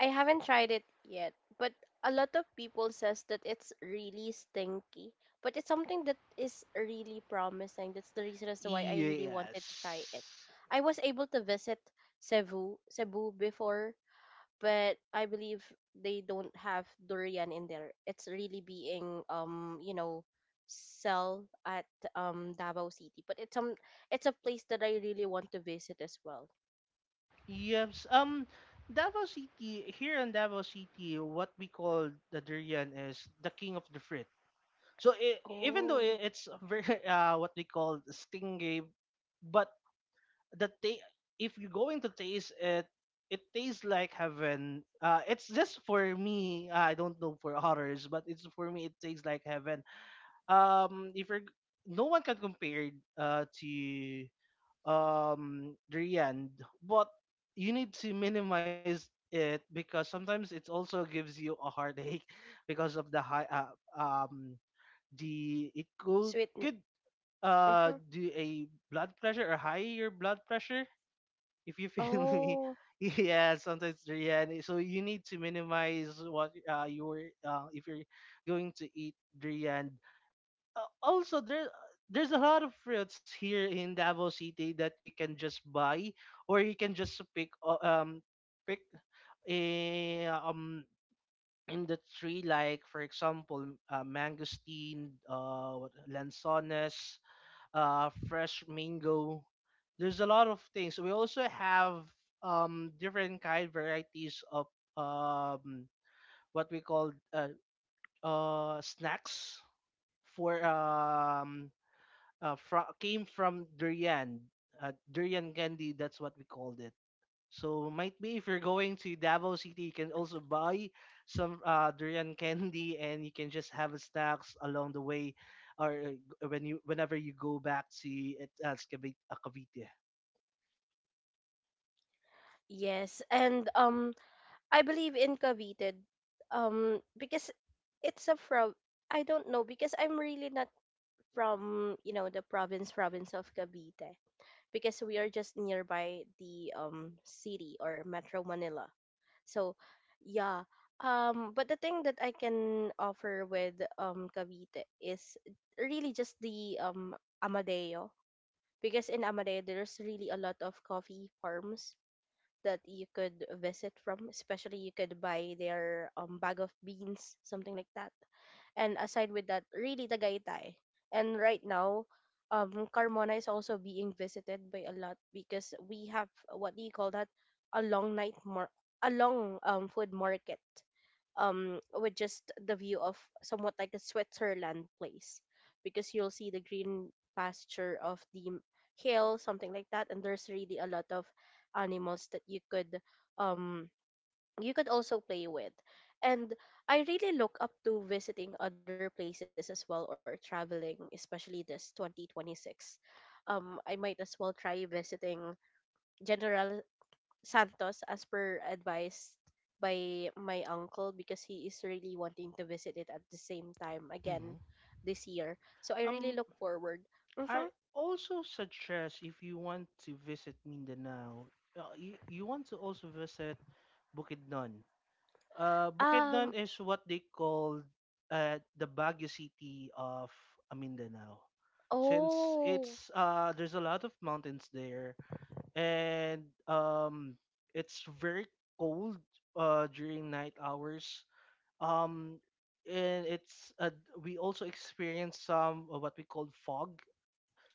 Speaker 1: I haven't tried it yet, but a lot of people says that it's really stinky. But it's something that is really promising. That's the reason as to why I really wanted to try it.
Speaker 2: Yes.
Speaker 1: I was able to visit Cebu, Cebu before, but I believe they don't have durian in there. It's really being, um, you know, sell at um Davao City. But it's um it's a place that I really want to visit as well.
Speaker 2: Yes. Um, Davao City, here in Davao City, what we call the durian is the king of the fruit. So I even though,
Speaker 1: Oh,
Speaker 2: i- it's a very uh, what we call stingy, but the ta- if you're going to taste it, it tastes like heaven. Uh, it's just for me. uh, I don't know for others, but it's for me. It tastes like heaven. Um, if you're g- no one can compare it, uh to um Rian, but you need to minimize it because sometimes it also gives you a heartache because of the high uh, um the it could
Speaker 1: sweet.
Speaker 2: could uh
Speaker 1: Mm-hmm.
Speaker 2: do a blood pressure or higher blood pressure if you feel me.
Speaker 1: Oh.
Speaker 2: Yeah, sometimes Rian. So you need to minimize what uh you were uh if you're going to eat Rian, uh, also there there's a lot of fruits here in Davao City that you can just buy or you can just pick o- um pick eh, um in the tree, like for example, uh, mangosteen, uh what- lanzones, uh fresh mango. There's a lot of things we also have, um different kind varieties of um what we call uh, uh snacks for um uh, fro- came from durian, uh, durian candy. That's what we called it. So might be if you're going to Davao City, you can also buy some uh, durian candy, and you can just have a stacks along the way, or uh, when you whenever you go back to it as Cavite. uh, Cavite.
Speaker 1: Yes, and um, I believe in Cavite, um, because it's a from, I don't know because I'm really not from, you know the province province of Cavite, because we are just nearby the um city or Metro Manila. So yeah, um, but the thing that I can offer with um Cavite is really just the um Amadeo, because in Amadeo there's really a lot of coffee farms that you could visit from, especially you could buy their um bag of beans, something like that. And aside with that, really Tagaytay. And right now, um Carmona is also being visited by a lot, because we have, what do you call that, a long night mar, a long um food market, um with just the view of somewhat like a Switzerland place, because you'll see the green pasture of the m- hill, something like that, and there's really a lot of animals that you could, um you could also play with. And I really look up to visiting other places as well or traveling, especially this twenty twenty-six. um I might as well try visiting General Santos as per advice by my uncle, because he is really wanting to visit it at the same time again
Speaker 2: Mhm.
Speaker 1: this year. So I really
Speaker 2: Um,
Speaker 1: look forward.
Speaker 2: I
Speaker 1: Mm-hmm.
Speaker 2: also suggest if you want to visit Mindanao, uh, you, you want to also visit Bukidnon. Uh,
Speaker 1: Um.
Speaker 2: Bukidnon is what they call uh, the Baguio City of uh, Mindanao. Since
Speaker 1: Oh.
Speaker 2: it's uh, there's a lot of mountains there, and um, it's very cold uh, during night hours. Um, and it's uh, we also experience some uh, what we call fog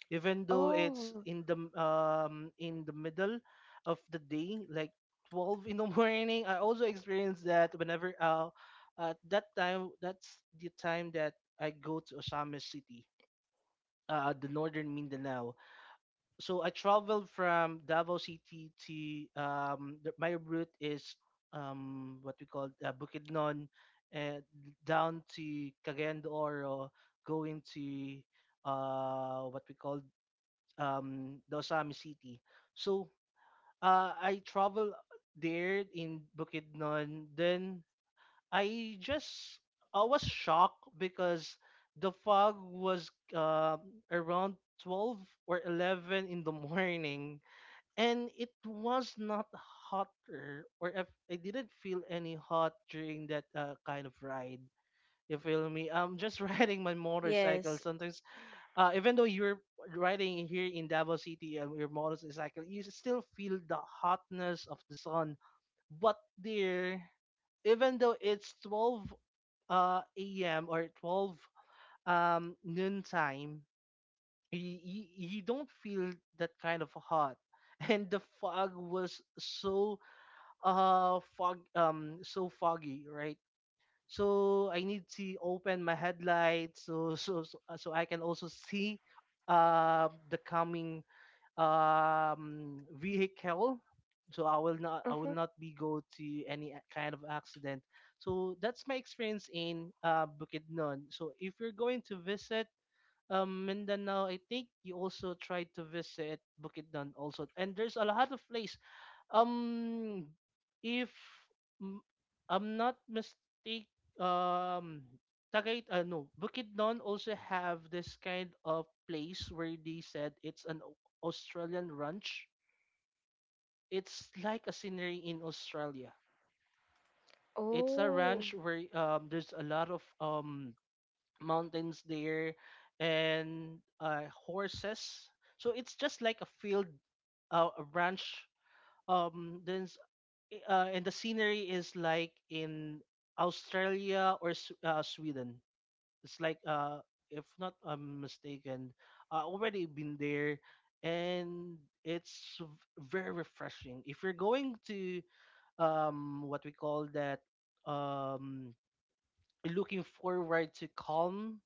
Speaker 2: even though it's
Speaker 1: Oh.
Speaker 2: in the m- um in the middle of the day, like twelve in the morning. I also experienced that whenever, uh at that time that's the time that I go to Osama City, uh, the northern Mindanao. So I traveled from Davao City to um the, my route is, um what we call, uh, Bukidnon, and down to Cagayan de Oro, going to uh what we call, um, the Osami City. So, uh, I travel there in Bukidnon. Then I just I was shocked because the fog was uh, around twelve or eleven in the morning, and it was not hotter, or if I didn't feel any hot during that uh, kind of ride. You feel me? I'm just riding my motorcycle.
Speaker 1: Yes.
Speaker 2: Sometimes uh, even though you're riding in here in Davao City and your motorcycle, you still feel the hotness of the sun. But there, even though it's twelve uh, a m or twelve um, noon time, you, you, you don't feel that kind of hot. And the fog was so uh fog um so foggy, right? So I need to open my headlights, so so so, uh, so I can also see uh, the coming um, vehicle. So I will
Speaker 1: Mm-hmm.
Speaker 2: not I will not be go to any a- kind of accident. So that's my experience in uh, Bukidnon. So if you're going to visit um, Mindanao, I think you also try to visit Bukidnon also. And there's a lot of place, um, if m- I'm not mistake, um, Tagay, uh, no, Bukidnon also have this kind of place where they said it's an Au- Australian ranch. It's like a scenery in Australia. It's a
Speaker 1: Oh.
Speaker 2: ranch where, um, there's a lot of, um, mountains there and uh, horses. So it's just like a field, uh, a ranch. Um, then uh, and the scenery is like in Australia or S- uh, Sweden. It's like, uh, if not I'm mistaken, I already been there, and it's v- very refreshing. If you're going to, um, what we call that, um, looking forward to calm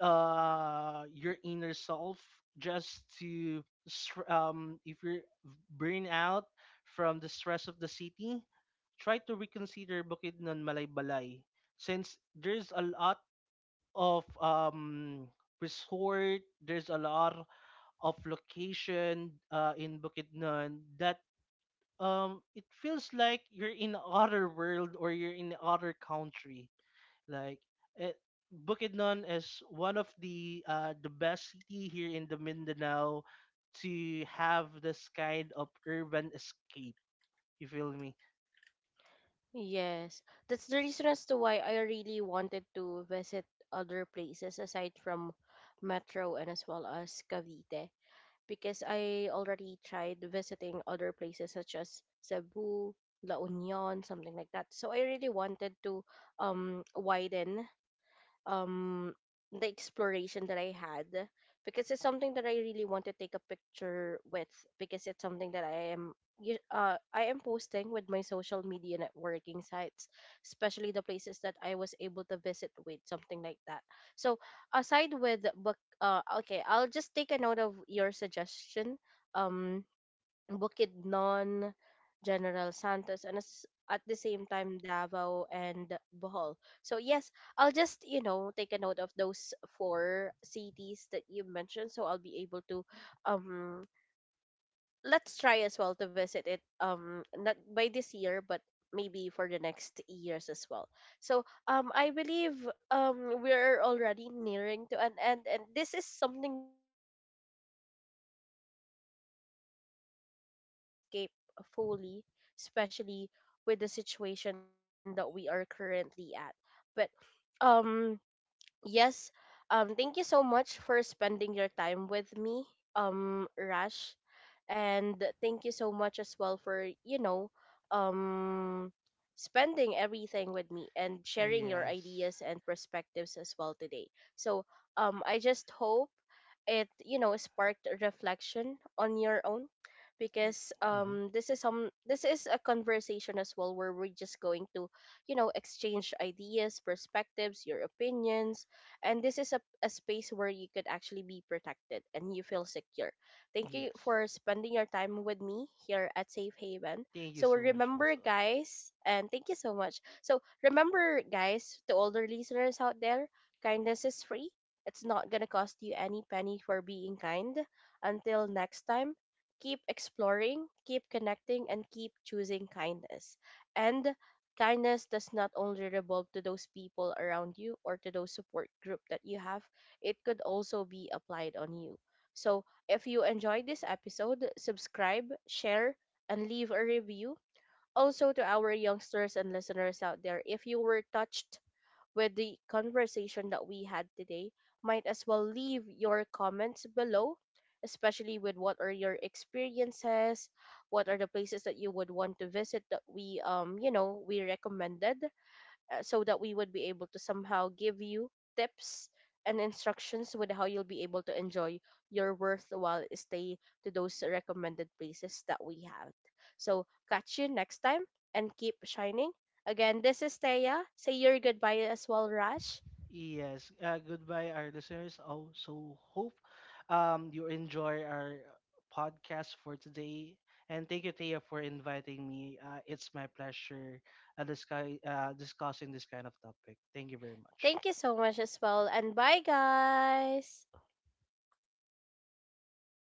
Speaker 2: uh your inner self, just to str- um if you're burn out from the stress of the city, try to reconsider Bukidnon Malaybalay, since there's a lot of um resort, there's a lot of location uh, in Bukidnon that, um it feels like you're in other world or you're in other country. Like it, Bukidnon is one of the uh, the best city here in the Mindanao to have this kind of urban escape. You feel me?
Speaker 1: Yes. That's the reason as to why I really wanted to visit other places aside from Metro and as well as Cavite, because I already tried visiting other places such as Cebu, La Union, something like that. So I really wanted to um widen um the exploration that I had, because it's something that I really want to take a picture with, because it's something that I am, u- uh I am posting with my social media networking sites, especially the places that I was able to visit with, something like that. So aside with book uh okay, I'll just take a note of your suggestion. Um Bukidnon, General Santos, and as, at the same time Davao and Bohol. So yes, I'll just, you know take a note of those four cities that you mentioned, so I'll be able to, um let's try as well to visit it, um not by this year, but maybe for the next years as well. So um I believe um we're already nearing to an end, and this is something that I really enjoy, because we're talking about how we are going to escape fully, especially with the situation that we are currently at. But um yes, um, thank you so much for spending your time with me, um, Rash, and thank you so much as well for, you know, um, spending everything with me and sharing your
Speaker 2: Yes.
Speaker 1: ideas and perspectives as well today. So, um, I just hope it, you know sparked a reflection on your own, because
Speaker 2: Mm-hmm.
Speaker 1: um this is some this is a conversation as well where we're just going to, you know exchange ideas, perspectives, your opinions. And this is a, a space where you could actually be protected and you feel secure. Thank you
Speaker 2: Yes.
Speaker 1: for spending your time with me here at Safe Haven.
Speaker 2: Thank you
Speaker 1: So
Speaker 2: so much
Speaker 1: remember
Speaker 2: also.
Speaker 1: guys, and thank you so much, so remember guys, to older listeners out there, kindness is free. It's not gonna cost you any penny for being kind. Until next time, keep exploring, keep connecting, and keep choosing kindness. And kindness does not only revolve to those people around you or to those support group that you have, it could also be applied on you. So if you enjoyed this episode, subscribe, share, and leave a review. Also, to our youngsters and listeners out there, if you were touched with the conversation that we had today, might as well leave your comments below, especially with what are your experiences, what are the places that you would want to visit that we um you know we recommended, uh, so that we would be able to somehow give you tips and instructions with how you'll be able to enjoy your worthwhile stay to those recommended places that we have. So catch you next time and keep shining. Again, this is Thea. Say your goodbye as well, Rash.
Speaker 2: Yes. Uh, goodbye our listeners. Also hope um you enjoy our podcast for today. And thank you Thea for inviting me. Uh, it's my pleasure uh, discuss, uh, discussing this kind of topic. Thank you very much.
Speaker 1: Thank you so much as well, and bye, guys.